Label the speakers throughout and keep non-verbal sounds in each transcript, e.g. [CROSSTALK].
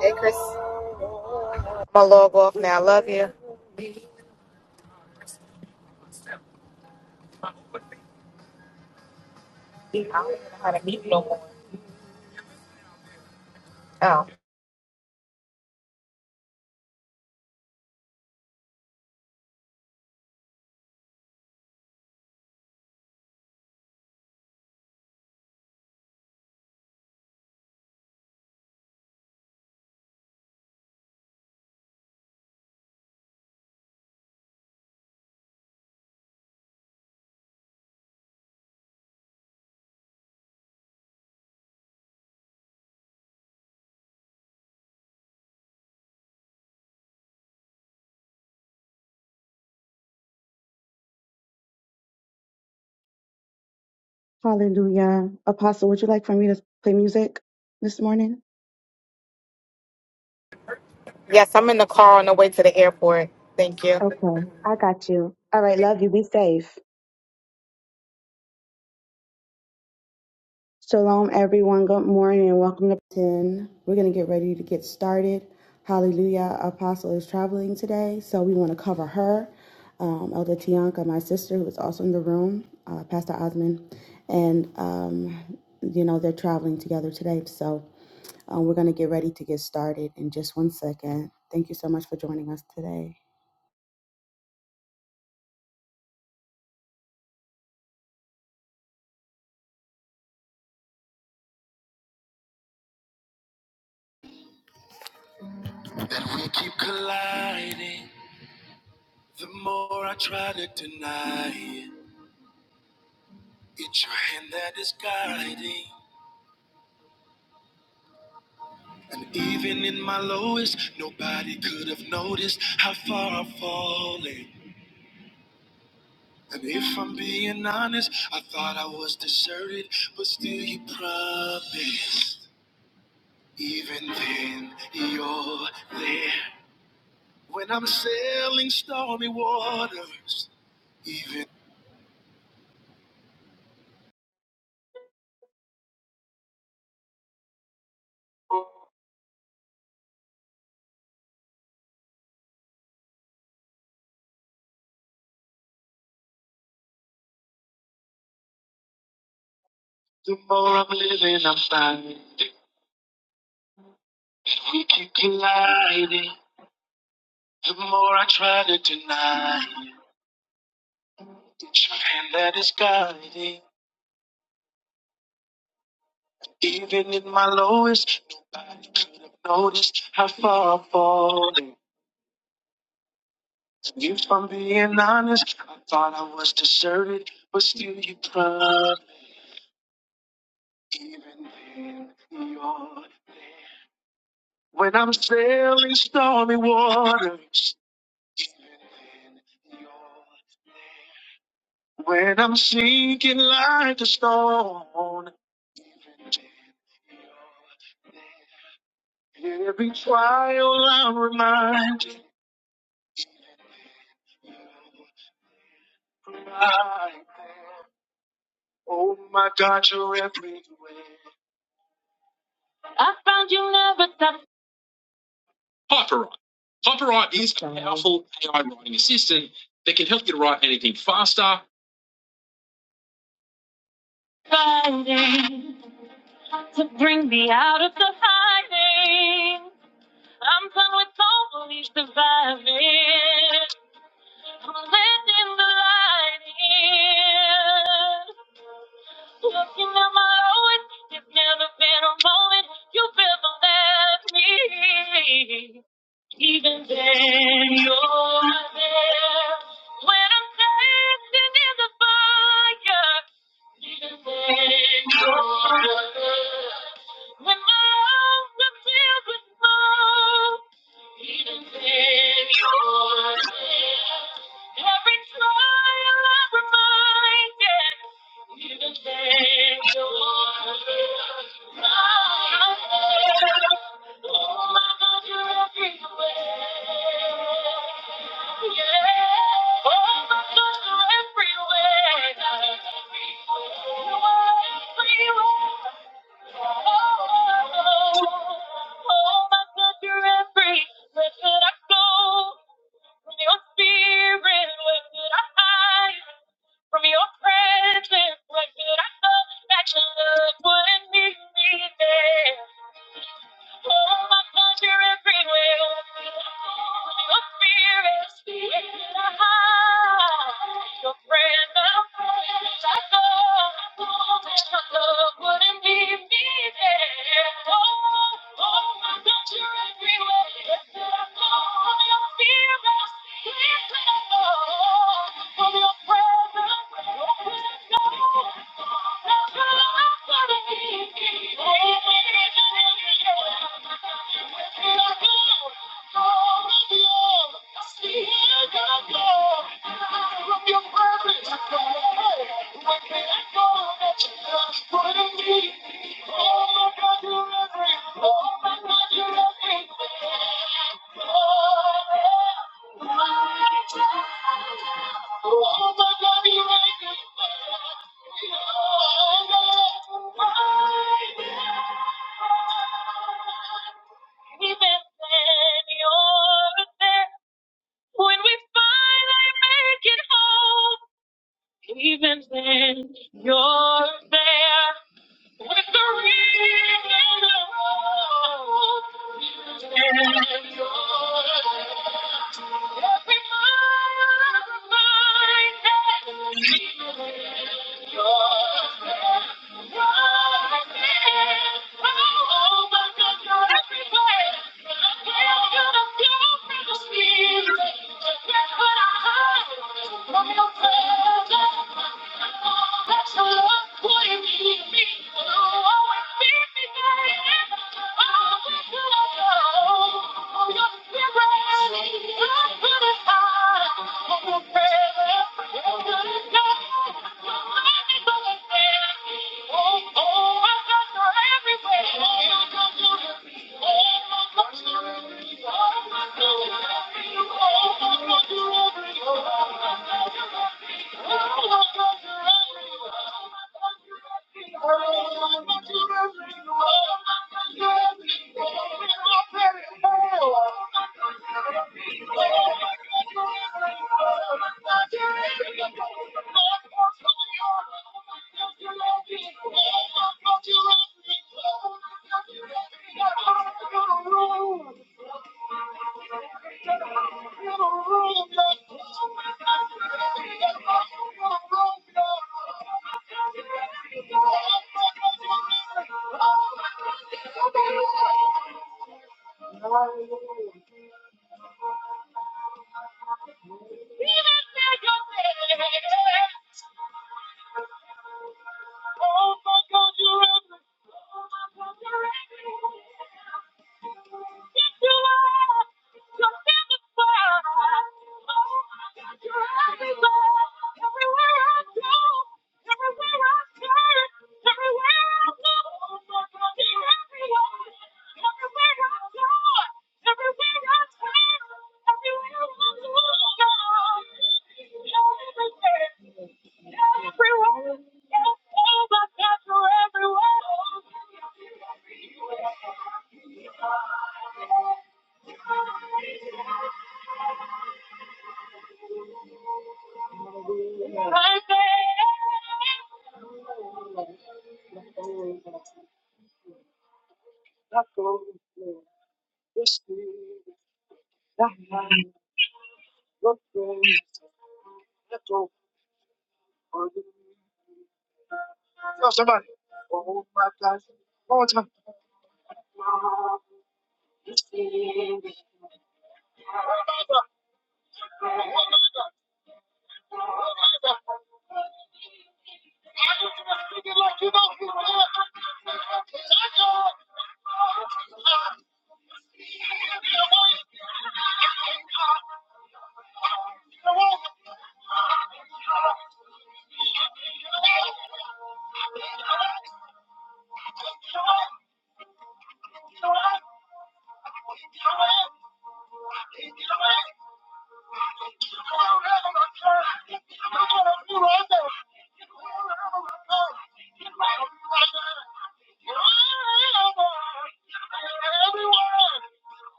Speaker 1: Hey, Chris. My log off now. I Love you. Oh,
Speaker 2: Hallelujah. Apostle, would you like for me to play music this morning?
Speaker 1: yes, I'm in the car on the way to the airport. Thank you.
Speaker 2: Okay, I got you. All right, love you. Be safe. Shalom, everyone. Good morning and welcome to 10. We're going to get ready to get started. Hallelujah. Apostle is traveling today, so we want to cover her. Um, Elder Tianka, my sister, who is also in the room, uh, Pastor Osman, and, um, you know, they're traveling together today. So um, we're going to get ready to get started in just one second. Thank you so much for joining us today. I found you never thought. HyperWrite. HyperWrite is a powerful AI writing assistant that can help you to write anything faster. Fighting to bring me out of the hiding. I'm done with only surviving. I'm letting the light in. Looking at my lowest, it's never been a moment you feel the last me. Even then, you're there. When I'm standing in the fire, even then, you're there. When my arms are filled with smoke, even then, you're there. Every trial I'm reminded. Where could I go? your spirit, where could I hide? From your presence, what did I know that your love wouldn't leave me there? Oh my God, you're everywhere. From your spirit, where did I hide? Your presence, where did I go? That your love wouldn't leave me there. Yeah. Even when you're there. When we finally make it home, even then, you're there. With the reason and every that's the one who you give me. Will always be I wish you all your spirit. Your good is high. Your presence. Your good is God. Your love is always there. Oh, oh, I've got you everywhere. Thank you. Hallelujah. Oh my God, you're everything. Oh my God, you're everything. Yes, you are. You're satisfied. Oh my God, you're everything. Everywhere I go, everywhere I turn, everywhere I go, you're everywhere. Everywhere I go, everywhere I turn, everywhere I go, you're everywhere. You're everywhere. Yes, Oh my God, you're everywhere. Right there. My mother, my mother, my mother. I'm just speaking like you know he did. Shaka. Shaka. Shaka. Shaka. Shaka. Shaka. Shaka. Shaka. When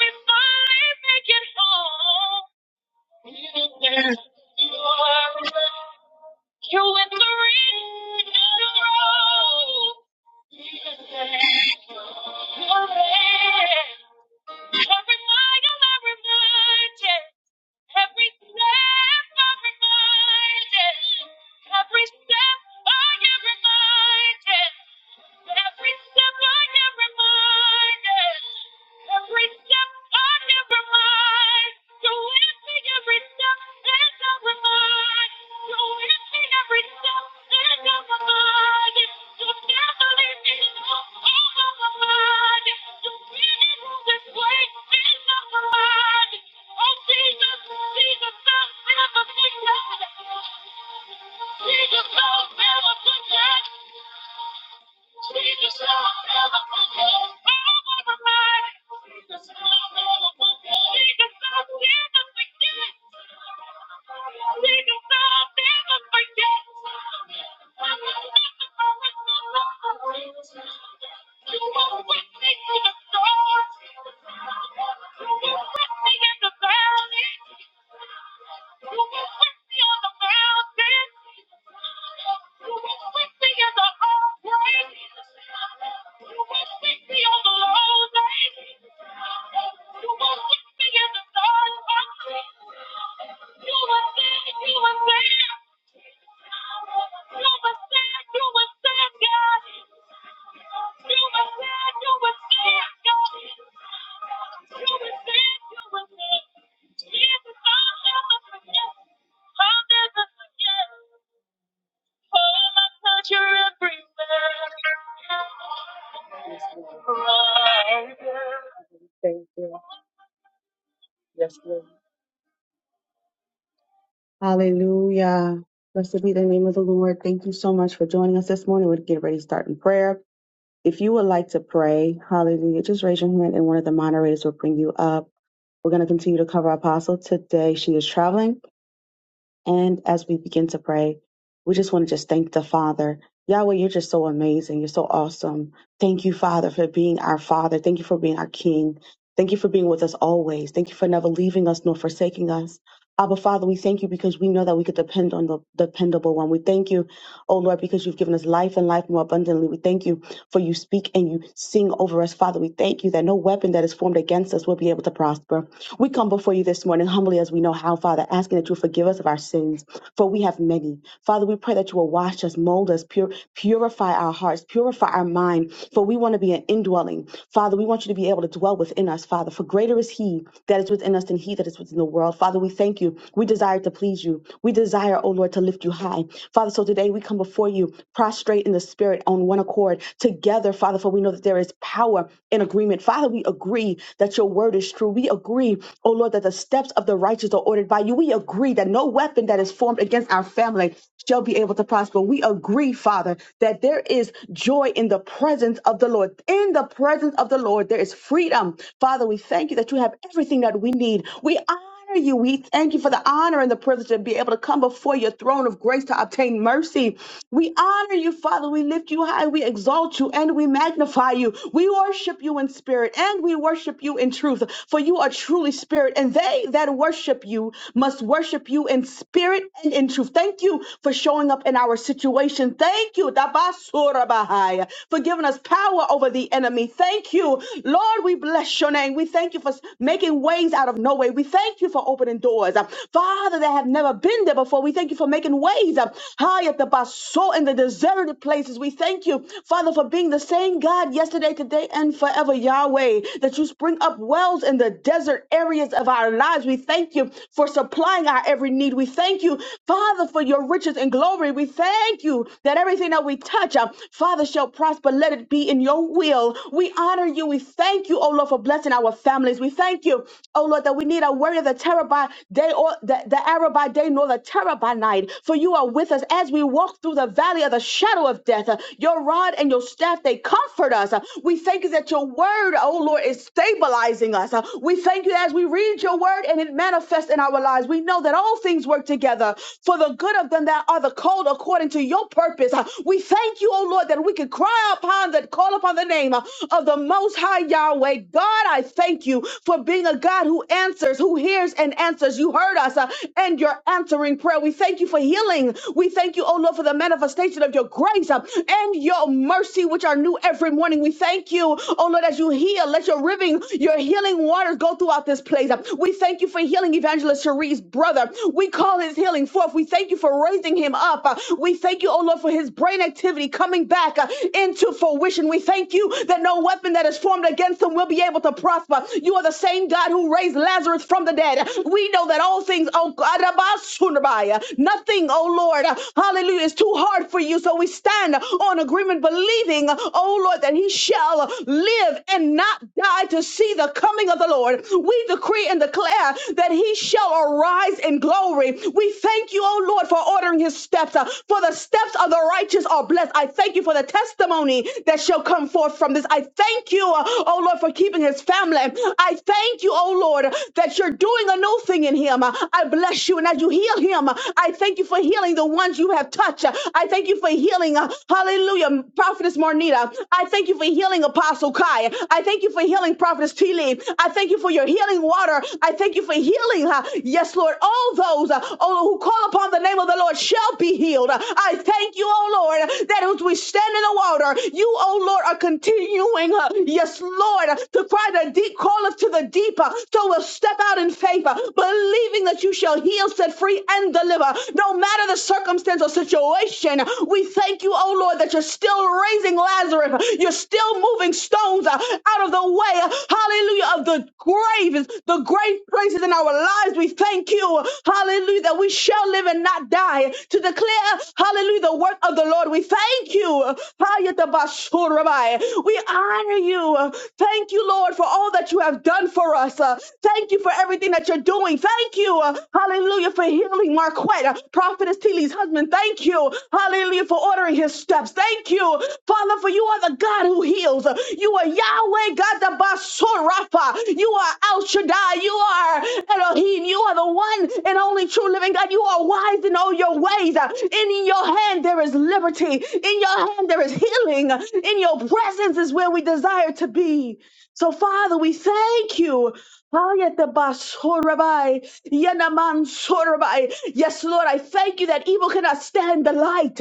Speaker 2: we finally make it home. You with the ring and the road. Every mile I'm reminded, every step I'm reminded, every step I am reminded. Every step I am reminded. Every step I am reminded. So with me every step and I'm reminded. So with me every step and I'm reminded. So never leave me alone. I'm reminded. So many moving ways and I'm reminded. Oh Jesus, Jesus, I'm never forget. Jesus, I'll never forget. We just never forget. We just never forget. We just never forget. We just never forget. You [LAUGHS] will take me to the stars. You will take me to the valley. You will take me on the mountain. Yes, it's all help us forget. How does us forget? You're everywhere. Thank you. Yes, Lord. Hallelujah. Blessed be the name of the Lord. Thank you so much for joining us this morning. We'll get ready to start in prayer. If you would like to pray, hallelujah, just raise your hand and one of the moderators will bring you up. We're going to continue to cover Apostle today. She is traveling. And as we begin to pray, we just want to just thank the Father. Yahweh, you're just so amazing. You're so awesome. Thank you, Father, for being our Father. Thank you for being our King. Thank you for being with us always. Thank you for never leaving us nor forsaking us. Abba, Father, we thank you because we know that we could depend on the dependable one. We thank you, oh Lord, because you've given us life and life more abundantly. We thank you for you speak and you sing over us, Father. We thank you that no weapon that is formed against us will be able to prosper. We come before you this morning humbly as we know how, Father, asking that you forgive us of our sins, for we have many. Father, we pray that you will wash us, mold us, purify Purify our hearts, purify our mind, for we want to be an indwelling. Father, we want you to be able to dwell within us, Father, for greater is He that is within us than He that is within the world. Father, we thank you. We desire to please you. We desire, oh Lord, to lift you high. Father, so today we come before you, prostrate in the spirit on one accord, together, Father, for we know that there is power in agreement. Father, we agree that your word is true. We agree, oh Lord, that the steps of the righteous are ordered by you. We agree that no weapon that is formed against our family family shall be able to prosper. We agree, Father, that there is joy in the presence of the Lord. In the presence of the Lord, there is freedom. Father, we thank you that you have everything that we need. We honor you. We thank you for the honor and the privilege to be able to come before your throne of grace to obtain mercy. We honor you, Father. We lift you high. We exalt you and we magnify you. We worship you in spirit and we worship you in truth, for you are truly spirit, and they that worship you must us worship you in spirit and in truth. Thank you for showing up in our situation. Thank you Tabasurabahaya, for giving us power over the enemy. Thank you, Lord. We bless your name. We thank you for making ways out of no way. We thank you for opening doors, Uh, Father, that have never been there before. We thank you for making ways uh, high at the basso in the deserted places. We thank you, Father, for being the same God yesterday, today, and forever, Yahweh, that you spring up wells in the desert areas areas of our lives. We thank you for supplying our every need. We thank you, Father, for your riches and glory. We thank you that everything that we touch, uh, Father, shall prosper. Let it be in your will. We honor you. We thank you, oh Lord, for blessing our families. We thank you, oh Lord, that we need a warrior, the terror by day or the, the arrow by day, nor the terror by night. For you are with us as we walk through the valley of the shadow of death. Uh, Your rod and your staff, they comfort us. Uh, We thank you that your word, oh Lord, oh Lord, is stabilizing us. Uh, We thank you as we read your word and it manifests in our lives. We know that all things work together for the good of them that are the called according to your purpose. Uh, We thank you, oh Lord, that we can cry upon that, call upon the name uh, of the Most High Yahweh. God, I thank you for being a God who answers, who hears and answers. You heard us uh, and you're answering prayer. We thank you for healing. We thank you, oh Lord, for the manifestation of your grace uh, and your mercy, which are new do every morning. We thank you, oh Lord, as you heal, let your living, your healing waters go throughout this place. We thank you for healing Evangelist Cherie's brother. We call his healing forth. We thank you for raising him up. Uh, We thank you, oh Lord, for his brain activity coming back uh, into fruition. We thank you that no weapon that is formed against him will be able to prosper. You are the same God who raised Lazarus from the dead. We know that all things, oh God, uh, nothing, oh Lord, uh, hallelujah, is too hard for you. So we Lord, we stand on agreement, believing, oh Lord, that he shall live and not die to see the coming of the Lord. We decree and declare that he shall arise in glory. We thank you, oh Lord, for ordering his steps, uh, for the steps of the righteous are blessed. I thank you for the testimony that shall come forth from this. I thank you, uh, oh Lord, for keeping his family. I thank you, oh Lord, that you're doing a new thing in him. I bless you. And as you heal him, I thank you for for healing the ones you have touched. I thank you for healing. uh, Hallelujah. Prophetess Marnita. I thank you for healing Apostle Kai. I thank you for healing Prophetess T. Lee. I thank you for your healing water. I thank you for healing. uh, Yes, Lord. All those, uh, oh, who call upon the name of the Lord shall be healed. I thank you, oh Lord, that as we stand in the water, you, oh Lord, are continuing, uh, yes, Lord, to cry the deep, call to the deeper. So we'll step out in faith, uh, believing that that you shall heal, set free, and deliver. No matter the circumstance or situation, we thank you, oh Lord, that you're still raising Lazarus. You're still moving stones uh, out of the way. uh, Hallelujah. Of the graves, the grave places in our lives. We thank you. Hallelujah. That we shall live and not die to declare, hallelujah, the work of the Lord. We thank you. Hayatabashurabai. We honor you. Thank you, Lord, for all that you have done for us. Uh, Thank you for everything that you're doing. Thank you, uh, hallelujah, for healing Marquette, uh, Prophetess Tilly's husband. Thank you, hallelujah, for ordering his steps. Thank you, Father, for you are the God who heals. Uh, You are Yahweh God the Basurapha. You are El Shaddai. You are Elohim. You are the one and only true living God. You are wise in all your ways. Uh, And in your hand there is liberty. In your hand there is healing. In your presence is where we desire to be. So, Father, we thank you. Ayatabasorabai, yanamansorabai. Yes, Lord, I thank you that evil cannot stand the light.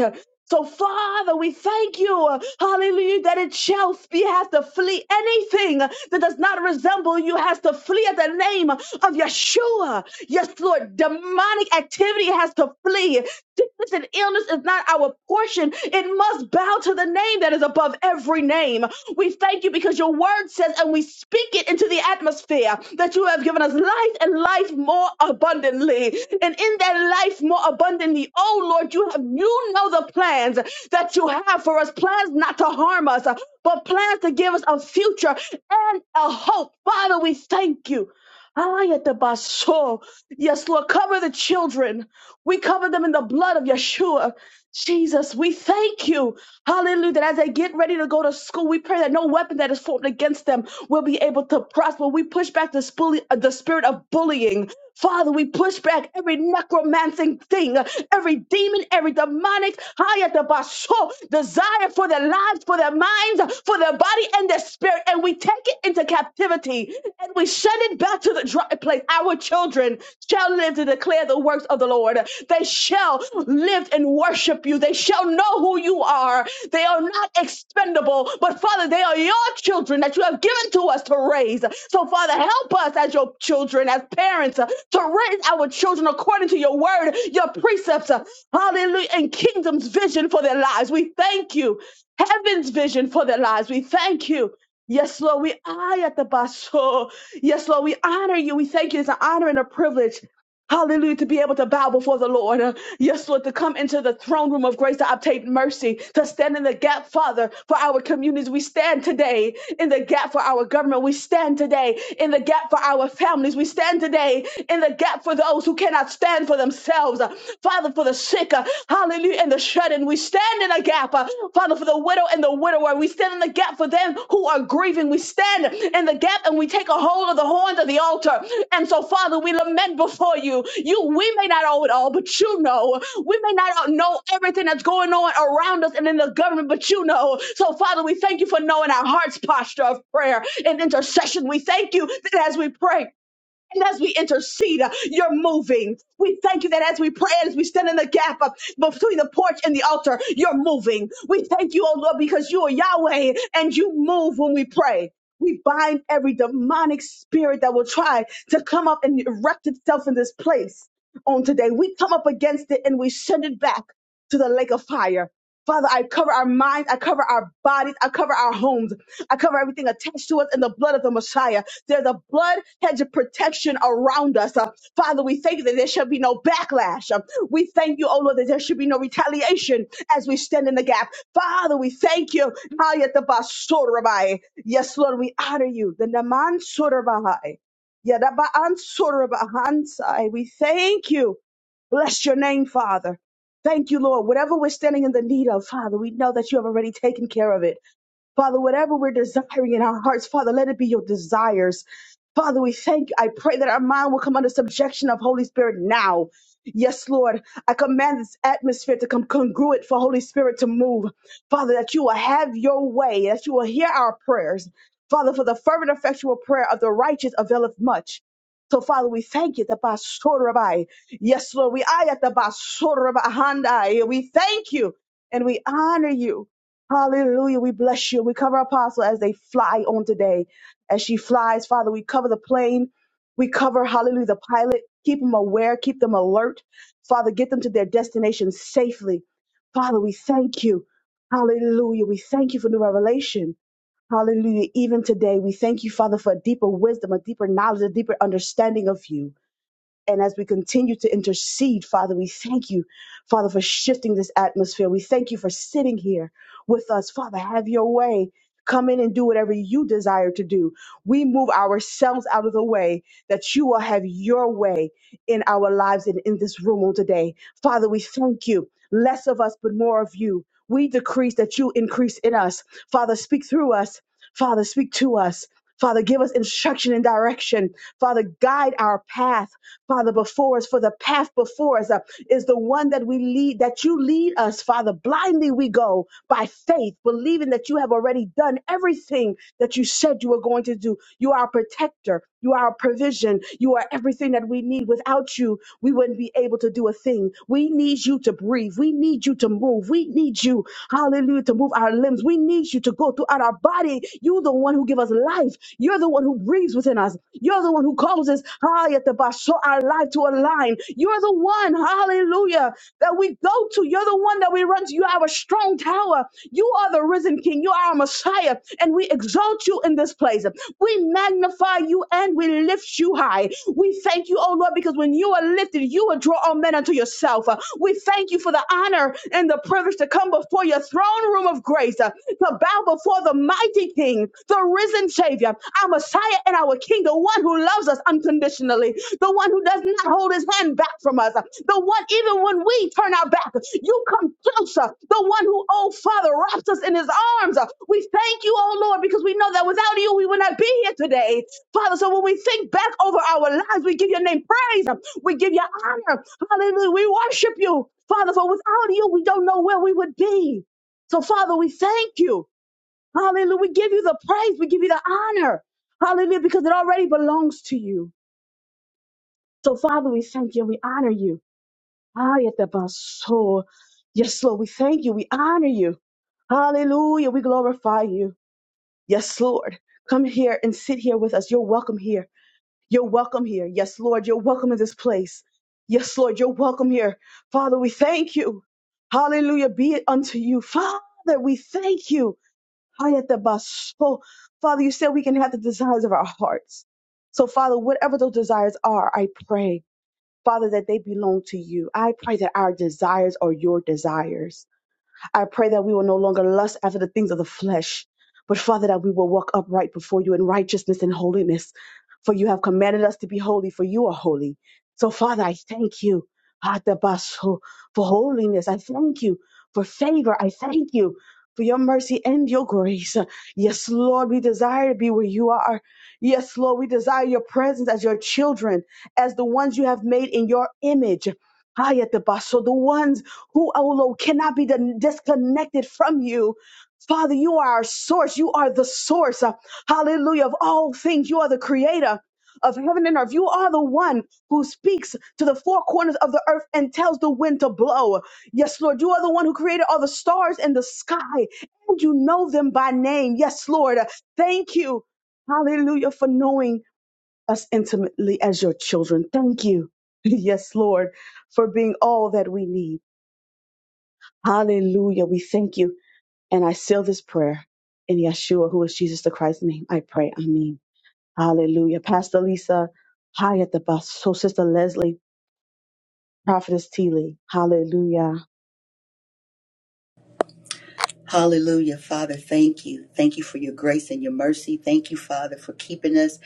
Speaker 2: So, Father, we thank you, hallelujah, that it shall be has to flee. Anything that does not resemble you has to flee at the name of Yeshua. Yes, Lord, demonic activity has to flee. Sickness and illness is not our portion. It must bow to the name that is above every name. We thank you because your word says, and we speak it into the atmosphere that you have given us life and life more abundantly. And in that life more abundantly, oh Lord, you have you know the plans that you have for us, plans not to harm us, but plans to give us a future and a hope. Father, we thank you. Ayatabaso. Yes, Lord, cover the children. We cover them in the blood of Yeshua. Jesus, we thank you. Hallelujah. That as they get ready to go to school, we pray that no weapon that is formed against them will be able to prosper. We push back this bully, uh, the spirit of bullying. Father, we push back every necromancing thing, every demon, every demonic hayatabasho, desire for their lives, for their minds, for their body and their spirit. And we take it into captivity and we send it back to the dry place. Our children shall live to declare the works of the Lord. They shall live and worship you. They shall know who you are. They are not expendable, but Father, they are your children that you have given to us to raise. So, Father, help us as your children, as parents, uh, to raise our children according to your word, your precepts, uh, hallelujah, and kingdom's vision for their lives. We thank you. Heaven's vision for their lives. We thank you. Yes, Lord, we are at the basso. Yes, Lord, we honor you. We thank you. It's an honor and a privilege Hallelujah, to be able to bow before the Lord. Uh, Yes, Lord, to come into the throne room of grace to obtain mercy, to stand in the gap, Father, for our communities. We stand today in the gap for our government. We stand today in the gap for our families. We stand today in the gap for those who cannot stand for themselves. Uh, Father, for the sick, uh, hallelujah, and the shut in. We stand in a gap, uh, Father, for the the widow and the widower. We stand in the gap for them who are grieving. We stand in the gap and we take a hold of the horns of the altar. And so, Father, we lament before you. You, we may not know it all, but you know. We may not know everything that's going on around us and in the government, but you know. So, Father, we thank you for knowing our heart's posture of prayer and intercession. We thank you that as we pray, and as we intercede, uh, you're moving. We thank you that as we pray, as we stand in the gap uh, between the porch and the altar, you're moving. We thank you, oh Lord, because you are Yahweh and you move when we pray. We bind every demonic spirit that will try to come up and erect itself in this place on today. We come up against it and we send it back to the lake of fire. Father, I cover our minds, I cover our bodies, I cover our homes, I cover everything attached to us in the blood of the Messiah. There's a blood hedge of protection around us. Uh, Father, we thank you that there shall be no backlash. Uh, we thank you, oh Lord, that there should be no retaliation as we stand in the gap. Father, we thank you. Hayatabasorabai. Yes, Lord, we honor you. The Naman Sorabai. Yadabaansorabahansai. We thank you. Bless your name, Father. Thank you, Lord. Whatever we're standing in the need of, Father, we know that you have already taken care of it. Father, whatever we're desiring in our hearts, Father, let it be your desires. Father, we thank you. I pray that our mind will come under subjection of Holy Spirit now. Yes, Lord, I command this atmosphere to come congruent for Holy Spirit to move. Father, that you will have your way, that you will hear our prayers. Father, for the fervent, effectual prayer of the righteous availeth much. So, Father, we thank you. the Basorabai. Yes, Lord, we ayat the Basorabai. Handai. We thank you and we honor you. Hallelujah. We bless you. We cover Apostle as they fly on today. As she flies, Father, we cover the plane. We cover, hallelujah, the pilot. Keep them aware. Keep them alert. Father, get them to their destination safely. Father, we thank you. Hallelujah. We thank you for the revelation. Hallelujah. Even today, we thank you, Father, for a deeper wisdom, a deeper knowledge, a deeper understanding of you. And as we continue to intercede, Father, we thank you, Father, for shifting this atmosphere. We thank you for sitting here with us. Father, have your way. Come in and do whatever you desire to do. We move ourselves out of the way that you will have your way in our lives and in this room on today. Father, we thank you. Less of us, but more of you. We decrease that you increase in us. Father, speak through us. Father, speak to us. Father, give us instruction and direction. Father, guide our path. Father, before us, for the path before us uh, is the one that we lead, that you lead us, Father. Blindly we go by faith, believing that you have already done everything that you said you were going to do. You are our protector. You are our provision. You are everything that we need. Without you, we wouldn't be able to do a thing. We need you to breathe. We need you to move. We need you Hallelujah. To move our limbs. We need you to go throughout our body. You are the one who give us life. You're the one who breathes within us. You're the one who causes Hayatabasho our life to align. You're the one, hallelujah, that we go to. You're the one that we run to. You are a strong tower. You are the risen King. You are our Messiah, and we exalt you in this place. We magnify you and we lift you high. We thank you, oh Lord, because when you are lifted, you will draw all men unto yourself. Uh, We thank you for the honor and the privilege to come before your throne room of grace, uh, to bow before the mighty King, the risen Savior our Messiah and our King, the one who loves us unconditionally, the one who does not hold his hand back from us, the one, even when we turn our back, you come closer, the one who, oh Father, wraps us in his arms. We thank you, oh Lord, because we know that without you, we would not be here today. Father, so when we think back over our lives, we give your name praise, we give you honor, hallelujah, we worship you. Father, for without you, we don't know where we would be. So, Father, we thank you. Hallelujah. We give you the praise. We give you the honor. Hallelujah. Because it already belongs to you. So, Father, we thank you. We honor you. Ah, yet the bus- so- Yes, Lord. We thank you. We honor you. Hallelujah. We glorify you. Yes, Lord. Come here and sit here with us. You're welcome here. You're welcome here. Yes, Lord. You're welcome in this place. Yes, Lord. You're welcome here. Father, we thank you. Hallelujah. Be it unto you. Father, we thank you. Hayatabasho. Father, you said we can have the desires of our hearts. So, Father, whatever those desires are, I pray, Father, that they belong to you. I pray that our desires are your desires. I pray that we will no longer lust after the things of the flesh, but Father, that we will walk upright before you in righteousness and holiness. For you have commanded us to be holy, for you are holy. So, Father, I thank you Atabaso, for holiness. I thank you for favor. I thank you for your mercy and your grace. Yes, Lord, we desire to be where you are. Yes, Lord, we desire your presence as your children, as the ones you have made in your image. Ayatabaso, The ones who, oh Lord, cannot be dis- disconnected from you. Father, you are our source. You are the source, uh, hallelujah, of all things. You are the creator of heaven and earth. You are the one who speaks to the four corners of the earth and tells the wind to blow. Yes, Lord, you are the one who created all the stars in the sky and you know them by name. Yes, Lord, uh, thank you, hallelujah, for knowing us intimately as your children. Thank you, [LAUGHS] yes, Lord, for being all that we need. Hallelujah. We thank you. And I seal this prayer in Yeshua, who is Jesus the Christ's name. I pray. Amen. Hallelujah. Pastor Lisa, hi at the bus. So Sister Leslie, Prophetess T. Lee. Hallelujah.
Speaker 3: Hallelujah. Father, thank you. Thank you for your grace and your mercy. Thank you, Father, for keeping us.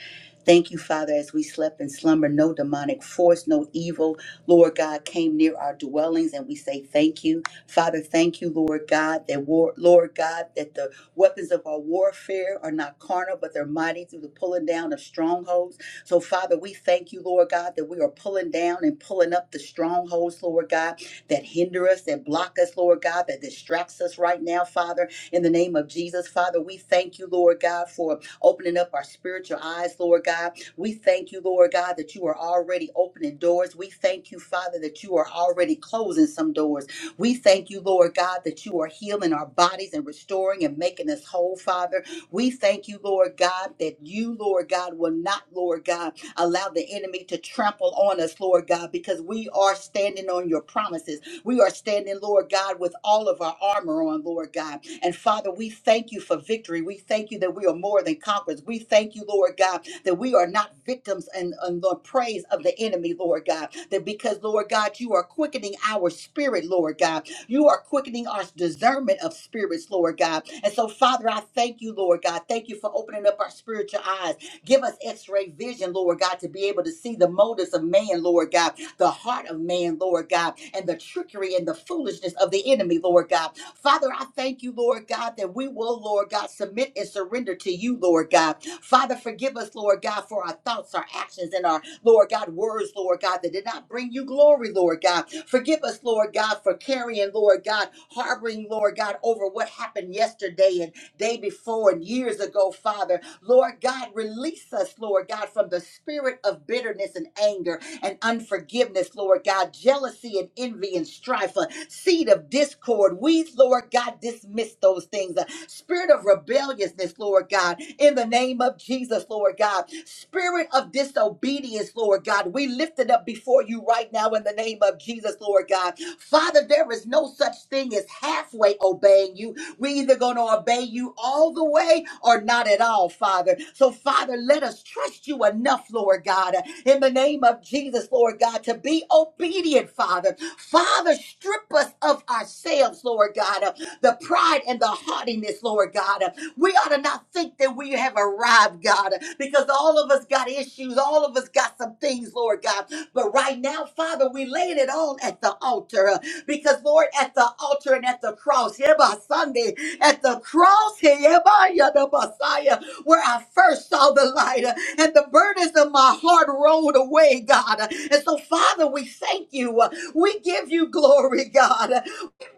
Speaker 3: Thank you, Father, as we slept in slumber, no demonic force, no evil, Lord God, came near our dwellings, and we say thank you. Father, thank you, Lord God, that war, Lord God, that the weapons of our warfare are not carnal, but they're mighty through the pulling down of strongholds. So, Father, we thank you, Lord God, that we are pulling down and pulling up the strongholds, Lord God that hinder us, that block us, Lord God, that distracts us right now, Father. In the name of Jesus, Father, we thank you, Lord God, for opening up our spiritual eyes, Lord God. We thank you, Lord God, that you are already opening doors. We thank you, Father, that you are already closing some doors. We thank you, Lord God, that you are healing our bodies and restoring and making us whole, Father. We thank you, Lord God, that you, Lord God, will not, Lord God, allow the enemy to trample on us, Lord God, because we are standing on your promises. We are standing, Lord God, with all of our armor on, Lord God. And Father, we thank you for victory. We thank you that we are more than conquerors. We thank you, Lord God, that we are not victims and, and the praise of the enemy, Lord God. That because, Lord God, you are quickening our spirit, Lord God. You are quickening our discernment of spirits, Lord God. And so, Father, I thank you, Lord God. Thank you for opening up our spiritual eyes. Give us x ray vision, Lord God, to be able to see the motives of man, Lord God the heart of man, Lord God, and the trickery and the foolishness of the enemy, Lord God. Father, I thank you, Lord God, that we will, Lord God, submit and surrender to you, Lord God. Father, forgive us, Lord God, for our thoughts, our actions, and our, Lord God, words, Lord God, that did not bring you glory, Lord God. Forgive us, Lord God, for carrying, Lord God, harboring, Lord God, over what happened yesterday and day before and years ago, Father. Lord God, release us, Lord God, from the spirit of bitterness and anger and unforgiveness, Lord God, jealousy and envy and strife, a seed of discord. We, Lord God, dismiss those things. A spirit of rebelliousness, Lord God, in the name of Jesus, Lord God. Spirit of disobedience, Lord God, we lift it up before you right now in the name of Jesus, Lord God. Father, there is no such thing as halfway obeying you. We're either going to obey you all the way or not at all, Father. So, Father, let us trust you enough, Lord God, in the name of Jesus, Lord God, to be obedient, Father. Father, strip us of ourselves, Lord God, of the pride and the haughtiness, Lord God. We ought to not think that we have arrived, God, because all of us got issues, all of us got some things, Lord God. But right now, Father, we laying it all at the altar. Because, Lord, at the altar and at the cross, here by Sunday, at the cross, here by you, the Messiah, where I first saw the light uh, and the burdens of my heart rolled away, God. And so, Father, we thank you. We give you glory, God.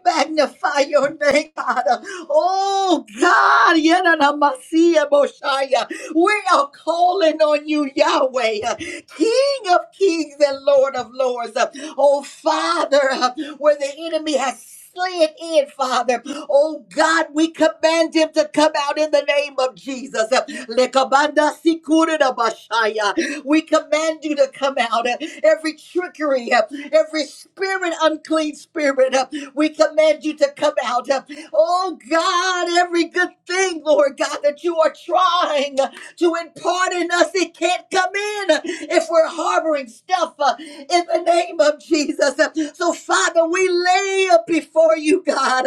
Speaker 3: Magnify your name, God. Oh, God. Yenanamasiya Boshaya. We are calling on you, Yahweh, uh, King of kings and Lord of lords. Uh, Oh, Father, uh, where the enemy has slid in, Father. Oh, God, we command him to come out in the name of Jesus. Uh, Lekabanda Sikurida Bashaya. We command you to come out. Uh, Every trickery, uh, every spirit, unclean spirit. We command you to come out. Oh God, every good thing, Lord God, that you are trying to impart in us, it can't come in if we're harboring stuff uh, in the name of Jesus. So, Father, we lay up before you, God,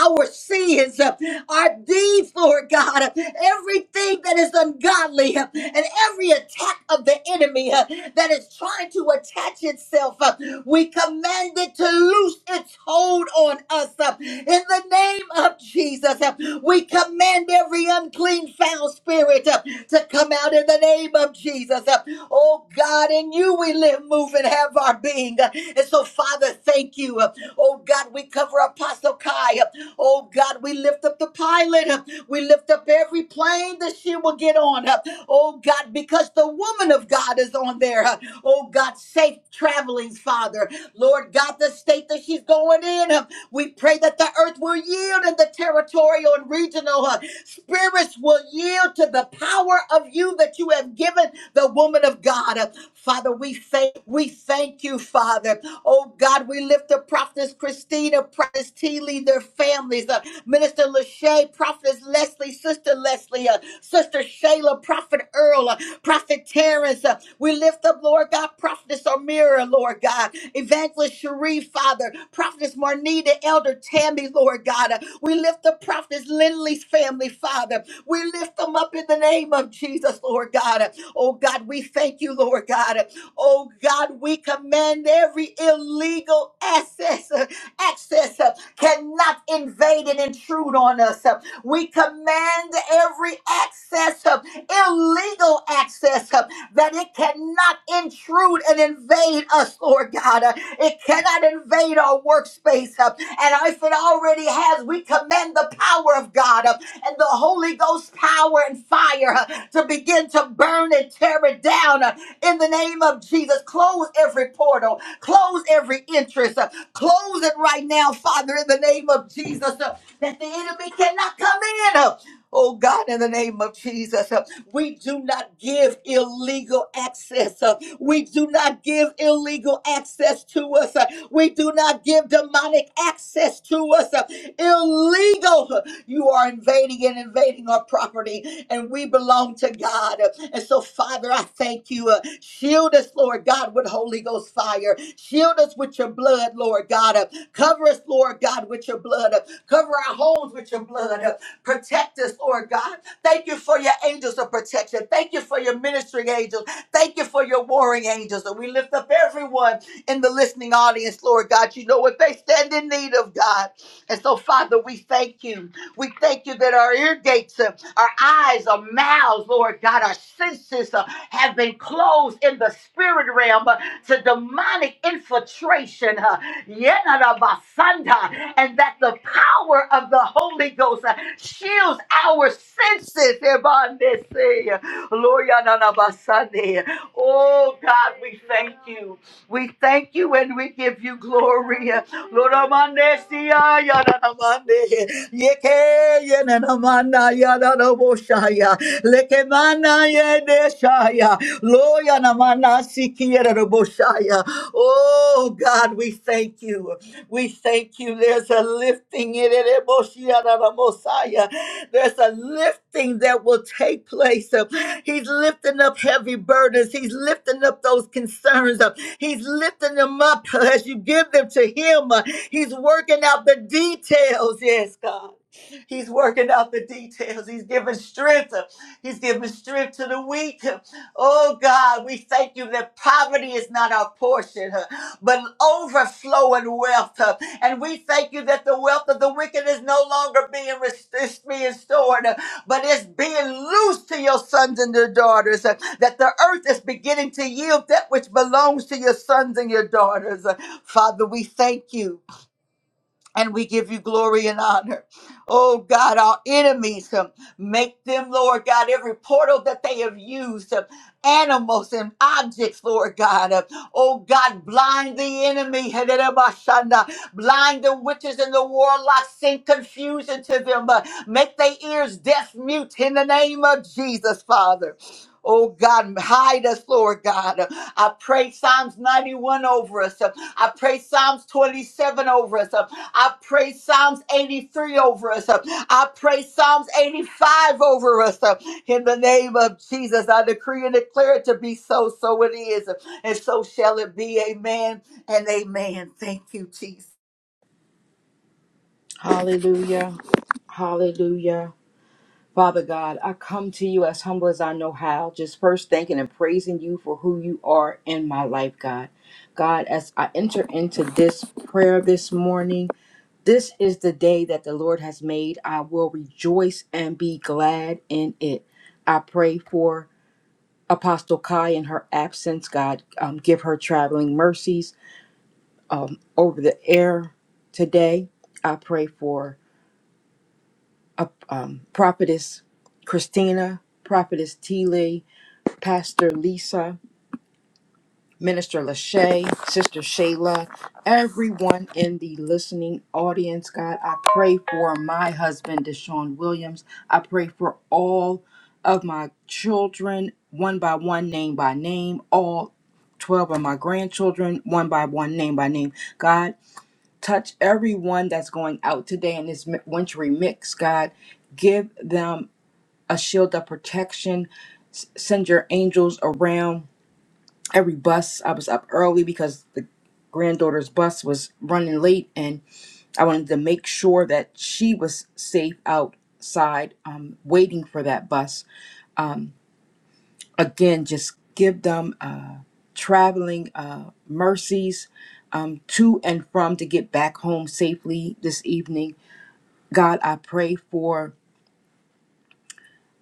Speaker 3: our sins, our deeds, Lord God, everything that is ungodly, and every attack of the enemy uh, that is trying to attach itself. We command it to loose its hold on us uh, in the name of Jesus. uh, We command every unclean, foul spirit uh, to come out in the name of Jesus. uh. Oh God, in you we live, move, and have our being. uh, And so, Father, thank you. uh. Oh God, we cover Apostle Kai. uh. Oh God, we lift up the pilot. uh. We lift up every plane that she will get on. uh. Oh God, because the woman of God is on there. Uh, Oh God, safe travelings, Father. Lord God, the state that she's going in, uh, we pray that the earth will yield and the territorial and regional uh, spirits will yield to the power of you that you have given the woman of God. Uh, Father, we thank we thank you, Father. Oh God, we lift the prophetess Christina, prophetess T. Lee, their families, uh, Minister Lachey, prophetess Leslie. Sister Leslie, uh, Sister Shayla, Prophet Earl, uh, Prophet Terrence. uh, we lift up, Lord God, Prophetess Amira, Lord God, Evangelist Sharif, Father, Prophetess Marnita, Elder Tammy, Lord God. Uh, we lift up Prophetess Lindley's family, Father. We lift them up in the name of Jesus, Lord God. Uh, oh God, we thank you, Lord God. Uh, oh God, we command every illegal access, uh, access uh, cannot invade and intrude on us. uh, we command every access, uh, illegal access, uh, that it cannot intrude and invade us, Lord God. Uh, It cannot invade our workspace. uh, And if it already has, we command the power of God uh, and the Holy Ghost power and fire uh, to begin to burn and tear it down uh, in the name of Jesus. Close every portal, close every entrance, uh, close it right now, Father, in the name of Jesus. Uh, that the enemy cannot come in. Oh God, in the name of Jesus, uh, we do not give illegal access. uh, We do not give illegal access to us. uh, We do not give demonic access to us. uh, Illegal. uh, You are invading and invading our property, and we belong to God. uh, And so, Father, I thank you. uh, Shield us, Lord God, with Holy Ghost fire. Shield us with your blood, Lord God. uh, Cover us, Lord God, with your blood. Cover our homes with your blood. Protect us, Lord God. Thank you for your angels of protection. Thank you for your ministering angels. Thank you for your warring angels. And we lift up everyone in the listening audience, Lord God. You know what they stand in need of, God. And so, Father, we thank you. We thank you that our ear gates, uh, our eyes, our mouths, Lord God, our senses uh, have been closed in the spirit realm uh, to demonic infiltration. uh, Yenarabasanda. and that the power of the Holy Ghost uh, shields our senses. Ebandese. Lord, yanarabasande. Oh God, we thank you. We thank you and we give you glory. Lord, amandesi, ayananamande. Yeke, yenanamanda, yananaboshaya. Lekemana, yedeshaya. Lord, yanamana, sikiyereroboshaya. Oh God, we thank you. We thank you. There's a lifting in it. Mosiah. There's a lifting that will take place. Uh, He's lifting up heavy burdens. He's lifting up those concerns. Uh, He's lifting them up uh, as you give them to Him. Uh, He's working out the details. Yes, God. He's working out the details. He's giving strength. Uh, He's giving strength to the weak. Oh God, we thank you that poverty is not our portion, huh, but overflowing wealth. huh. And we thank you that the wealth of the wicked is no longer being, rest- is being stored, huh, but it's being loosed to your sons and your daughters. huh, That the earth is beginning to yield that which belongs to your sons and your daughters. huh. Father, we thank you and we give you glory and honor. Oh God, our enemies, um, make them, Lord God, every portal that they have used, um, animals and objects, Lord God. uh, oh God, blind the enemy, [LAUGHS] Hedarabashanda. blind the witches and the warlocks, send confusion to them, uh, make their ears deaf mute in the name of Jesus, Father. Oh God, hide us, Lord God. Uh, I pray Psalms 91 over us. Uh, I pray Psalms 27 over us. um, I pray Psalms 83 over us. I pray Psalms 85 over us. In the name of Jesus, I decree and declare it to be so. So it is. And so shall it be. Amen and amen. Thank you, Jesus.
Speaker 4: Hallelujah. Hallelujah. Father God, I come to you as humble as I know how, just first thanking and praising you for who you are in my life, God. God, as I enter into this prayer this morning, this is the day that the Lord has made. I will rejoice and be glad in it. I pray for Apostle Kai in her absence. God, um, give her traveling mercies um, over the air today. I pray for uh, um, Prophetess Christina, Prophetess Tele, Pastor Lisa, Minister Lachey, Sister Shayla, everyone in the listening audience, God, I pray for my husband, Deshaun Williams. I pray for all of my children, one by one, name by name, all 12 of my grandchildren, one by one, name by name. God, touch everyone that's going out today in this mi- wintry mix, God. Give them a shield of protection. S- send your angels around every bus. I was up early because the granddaughter's bus was running late, and I wanted to make sure that she was safe outside, um, waiting for that bus. Again, just give them uh, traveling uh, mercies um, to and from to get back home safely this evening. God, I pray for.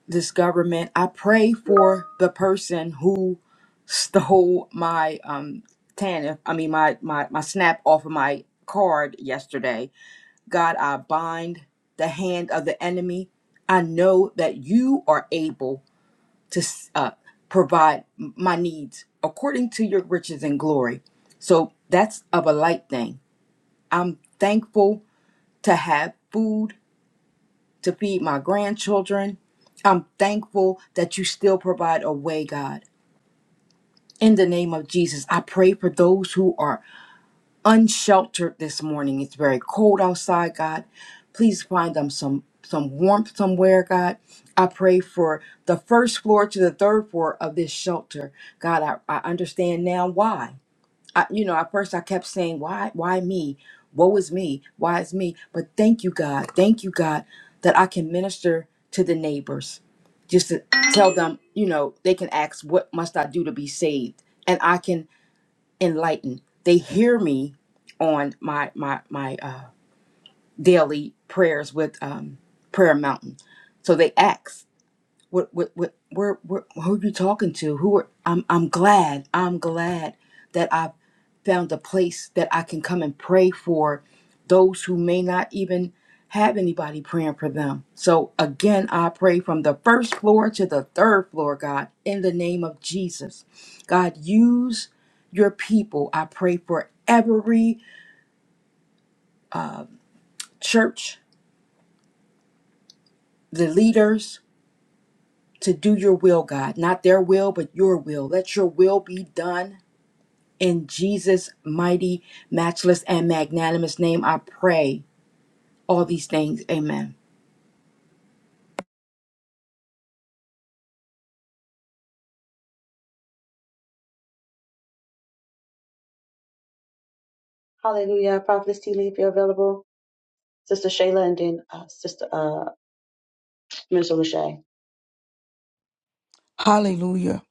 Speaker 4: this government. I pray for the person who stole my um TANF, I mean my my my snap off of my card yesterday. God, I bind the hand of the enemy. I know that you are able to uh, provide my needs according to your riches and glory. So that's of a light thing. I'm thankful to have food to feed my grandchildren. I'm thankful that you still provide a way, God. In the name of Jesus, I pray for those who are unsheltered this morning. It's very cold outside, God. Please find them some some warmth somewhere, God. I pray for the first floor to the third floor of this shelter. God, I, I understand now why. I, you know, at first I kept saying, why, why me? Woe is me. Why is me? But thank you, God. Thank you, God, that I can minister to the neighbors just to tell them, you know, they can ask, what must I do to be saved? And I can enlighten. They hear me on my, my, my, uh, daily prayers with, um, prayer mountain. So they ask what what what where, where who are you talking to who are i'm i'm glad i'm glad that i've found a place that i can come and pray for those who may not even have anybody praying for them so again i pray from the first floor to the third floor god in the name of jesus god use your people i pray for every church the leaders to do your will god not their will but your will let your will be done In Jesus' mighty, matchless, and magnanimous name, I pray all these things. Amen.
Speaker 2: Hallelujah. Prophetess T. Lee, if you're available. Sister Shayla and then uh, Sister uh, Minister Lachey.
Speaker 5: Hallelujah.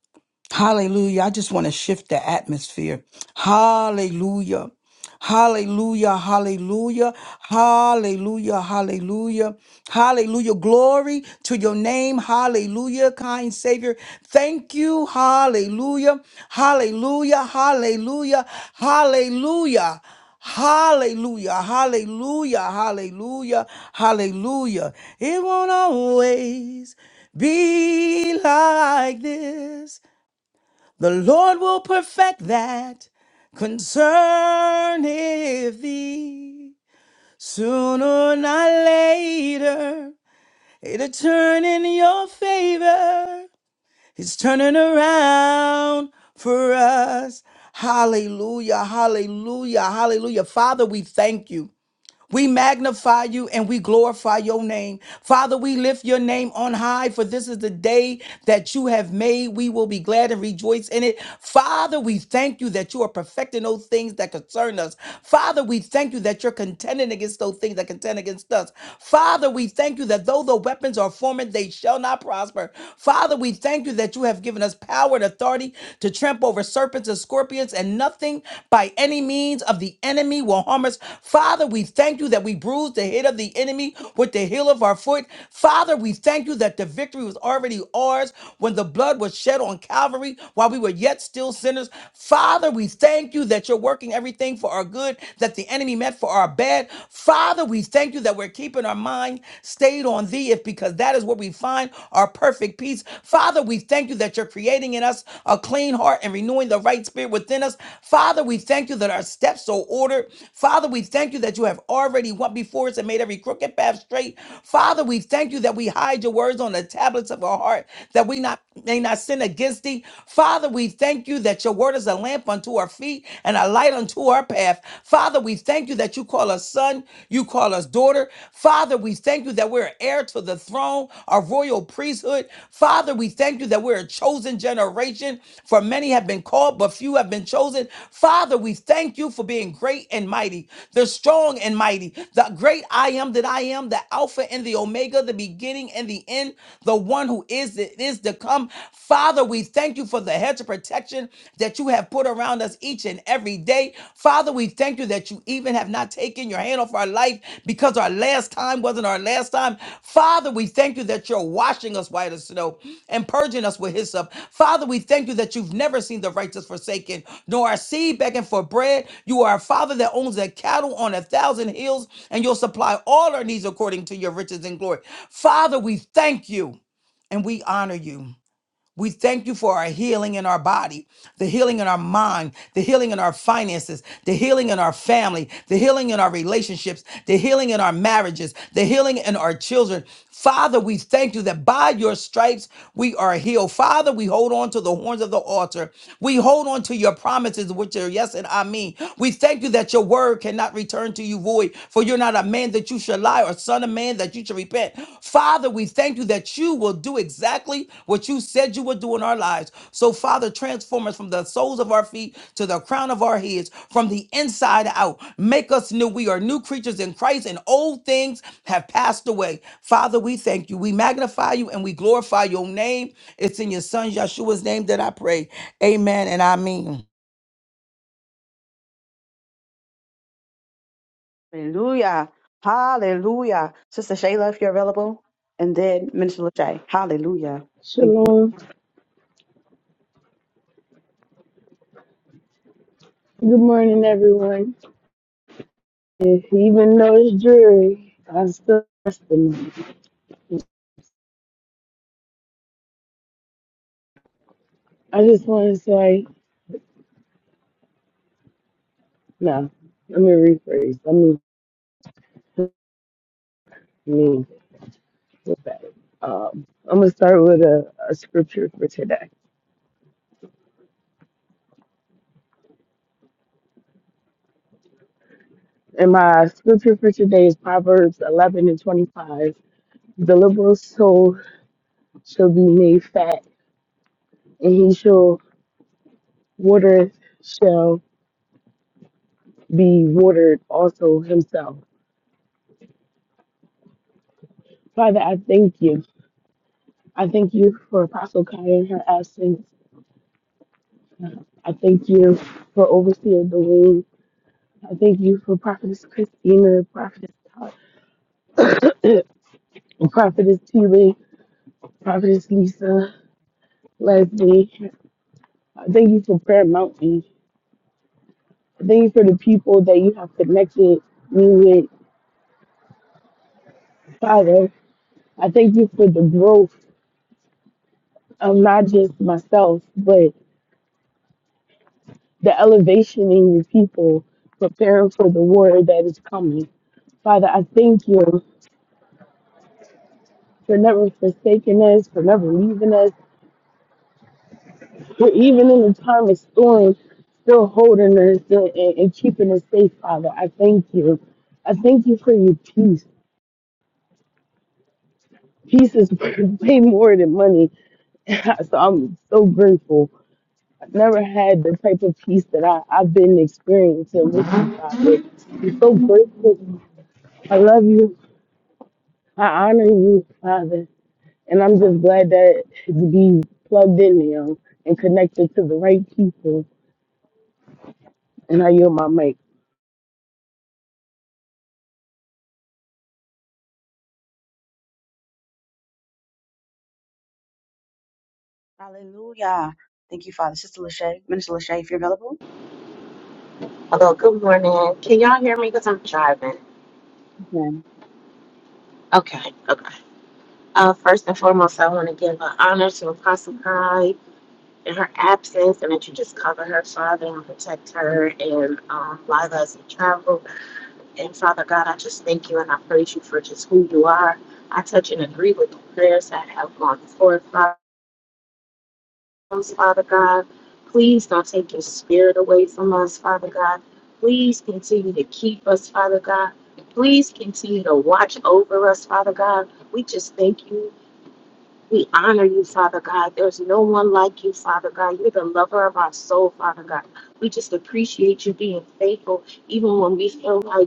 Speaker 5: Hallelujah. I just want to shift the atmosphere. Hallelujah. Hallelujah. Hallelujah. Hallelujah. Hallelujah. Hallelujah. Glory to your name. Hallelujah. Kind Savior. Thank you. Hallelujah. Hallelujah. Hallelujah. Hallelujah. Hallelujah, hallelujah, hallelujah, hallelujah. It won't always be like this. The Lord will perfect that concerneth thee. Sooner or not later, it'll turn in your favor. It's turning around for us. Hallelujah, hallelujah, hallelujah. Father, we thank you. We magnify you and we glorify your name. Father, we lift your name on high, for this is the day that you have made. We will be glad and rejoice in it. Father, we thank you that you are perfecting those things that concern us. Father, we thank you that you're contending against those things that contend against us. Father, we thank you that though the weapons are formed, they shall not prosper. Father, we thank you that you have given us power and authority to trample over serpents and and scorpions, and nothing by any means of the enemy will harm us. Father, we thank you that we bruised the head of the enemy with the heel of our foot. Father, we thank you that the victory was already ours when the blood was shed on Calvary while we were yet still sinners. Father, we thank you that you're working everything for our good that the enemy meant for our bad. Father, we thank you that we're keeping our mind stayed on thee if because that is where we find our perfect peace. Father, we thank you that you're creating in us a clean heart and renewing the right spirit within us. Father, we thank you that our steps are ordered. Father, we thank you that you have already went before us and made every crooked path straight. Father, we thank you that we hide your words on the tablets of our heart, that we not may not sin against thee. Father, we thank you that your word is a lamp unto our feet and a light unto our path. Father, we thank you that you call us son son, you call us daughter. Father, we thank you that we're heir to the throne, a royal priesthood. Father, we thank you that we're a chosen generation, for many have been called, but few have been chosen. Father, we thank you for being great and mighty, the strong and mighty, the great I am that I am, the Alpha and the Omega, the beginning and the end, the one who is, that is to come. Father, we thank you for the hedge of protection that you have you have put around us each and every day. Father, we thank you that you even have not taken your hand off our life because our last time wasn't our last time. Father, we thank you that you're washing us white as snow and purging us with hyssop. Father, we thank you that you've never seen the righteous forsaken, nor our seed begging for bread. You are a father that owns the cattle on a thousand hills, and you'll supply all our needs according to your riches and glory. Father, we thank you and we honor you. We thank you for our healing in our body, the healing in our mind, the healing in our finances, the healing in our family, the healing in our relationships, the healing in our marriages, the healing in our children. Father, we thank you that by your stripes we are healed. Father, we hold on to the horns of the altar. We hold on to your promises, which are yes and amen. We thank you that your word cannot return to you void, for you're not a man that you you should lie, or son of man, that you should repent. Father, we thank you that you will do exactly what you said you would do in our lives. So, Father, transform us from the soles of our feet to the crown of our heads, from the inside out. Make us new. We are new creatures in Christ, and old things have passed away. Father, we thank you. We magnify you and we glorify your name. It's in your son Yeshua's name that I pray. Amen and I mean.
Speaker 2: Hallelujah. Hallelujah. Sister Shayla, if you're available. And then Minister Lachey. Hallelujah. Thank you.
Speaker 6: Shalom. Good morning, everyone. If even though it's dreary, I still trust them. I just want to say, no, let me rephrase. Let me, let me go back. Um, I'm going to start with a, a scripture for today. And my scripture for today is Proverbs 11 and 25. The liberal soul shall be made fat, and he shall water shall be watered also himself. Father, I thank you. I thank you for Apostle Kai in her absence. I thank you for Overseer Dwayne. I thank you for Prophetess Christina, Prophetess Todd, [COUGHS] Prophetess T. Lee, Prophetess Lisa, Leslie. I thank you for Prayer Mountain. I thank you for the people that you have connected me with, Father. I thank you for the growth of not just myself, but the elevation in your people, preparing for the war that is coming. Father, I thank you. for never forsaking us, for never leaving us, for even in the time of storm, still holding us and, and, and keeping us safe, Father. I thank you. I thank you for your peace. Peace is [LAUGHS] way more than money. [LAUGHS] so I'm so grateful. I've never had the type of peace that I, I've been experiencing with you, Father. I'm so grateful. I love you. I honor you, Father. And I'm just glad that to be plugged in now and connected to the right people And I yield my mic.
Speaker 2: Hallelujah. Thank you, Father. Sister Lachey, Minister Lachey, if you're available.
Speaker 7: Hello, good morning. Can y'all hear me? Because I'm driving. Okay, okay. Uh, first and foremost, I want to give an honor to Apostle Kai in her absence and that you just cover her, Father, and protect her and um, Liza as you travel. And Father God, I just thank you and I praise you for just who you are. I touch and agree with the prayers that have gone forth, Father. us, Father God. Please don't take your spirit away from us, Father God. Please continue to keep us, Father God. Please continue to watch over us, Father God. We just thank you. We honor you, Father God. There's no one like you, Father God. You're the lover of our soul, Father God. We just appreciate you being faithful, even when we feel like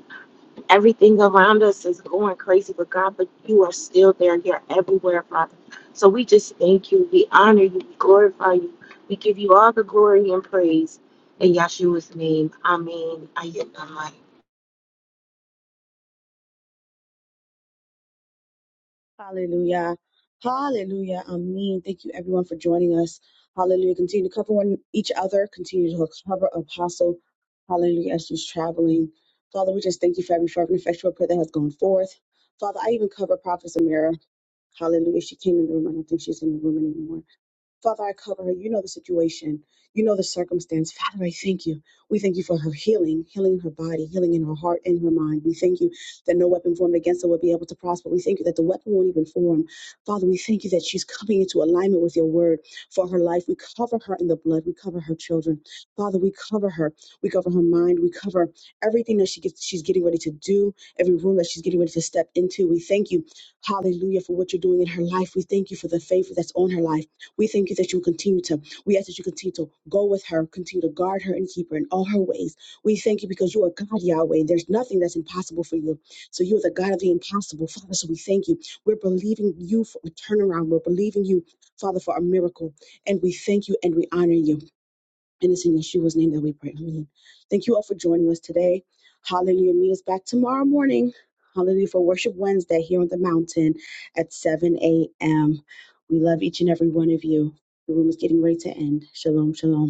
Speaker 7: everything around us is going crazy, but God, but you are still there. You're everywhere, Father. So we just thank you. We honor you. We glorify you. We give you all the glory and praise. In Yahshua's name, Amen. I yield my mic.
Speaker 2: Hallelujah. Hallelujah. Amen. Thank you, everyone, for joining us. Hallelujah. Continue to cover one each other. Continue to cover Apostle. Hallelujah. As she's traveling. Father, we just thank you for every fervent, and effectual prayer that has gone forth. Father, I even cover Prophet Amira. Hallelujah. She came in the room. I don't think she's in the room anymore. Father, I cover her. You know the situation. You know the circumstance. Father, I thank you. We thank you for her healing, healing in her body, healing in her heart, and her mind. We thank you that no weapon formed against her will be able to prosper. We thank you that the weapon won't even form. Father, we thank you that she's coming into alignment with your word for her life. We cover her in the blood. We cover her children. Father, we cover her. We cover her mind. We cover everything that she gets, she's getting ready to do, every room that she's getting ready to step into. We thank you, hallelujah, for what you're doing in her life. We thank you for the favor that's on her life. We thank you that you continue to, we ask that you continue to go with her, continue to guard her and keep her in all her ways. We thank you because you are God, Yahweh. There's nothing that's impossible for you. So you are the God of the impossible, Father. So we thank you. We're believing you for a turnaround. We're believing you, Father, for a miracle. And we thank you and we honor you. And it's in Yeshua's name that we pray. Amen. Thank you all for joining us today. Hallelujah. Meet us back tomorrow morning. Hallelujah for Worship Wednesday here on the mountain at 7 a.m. We love each and every one of you. The room is getting ready to end. Shalom, shalom.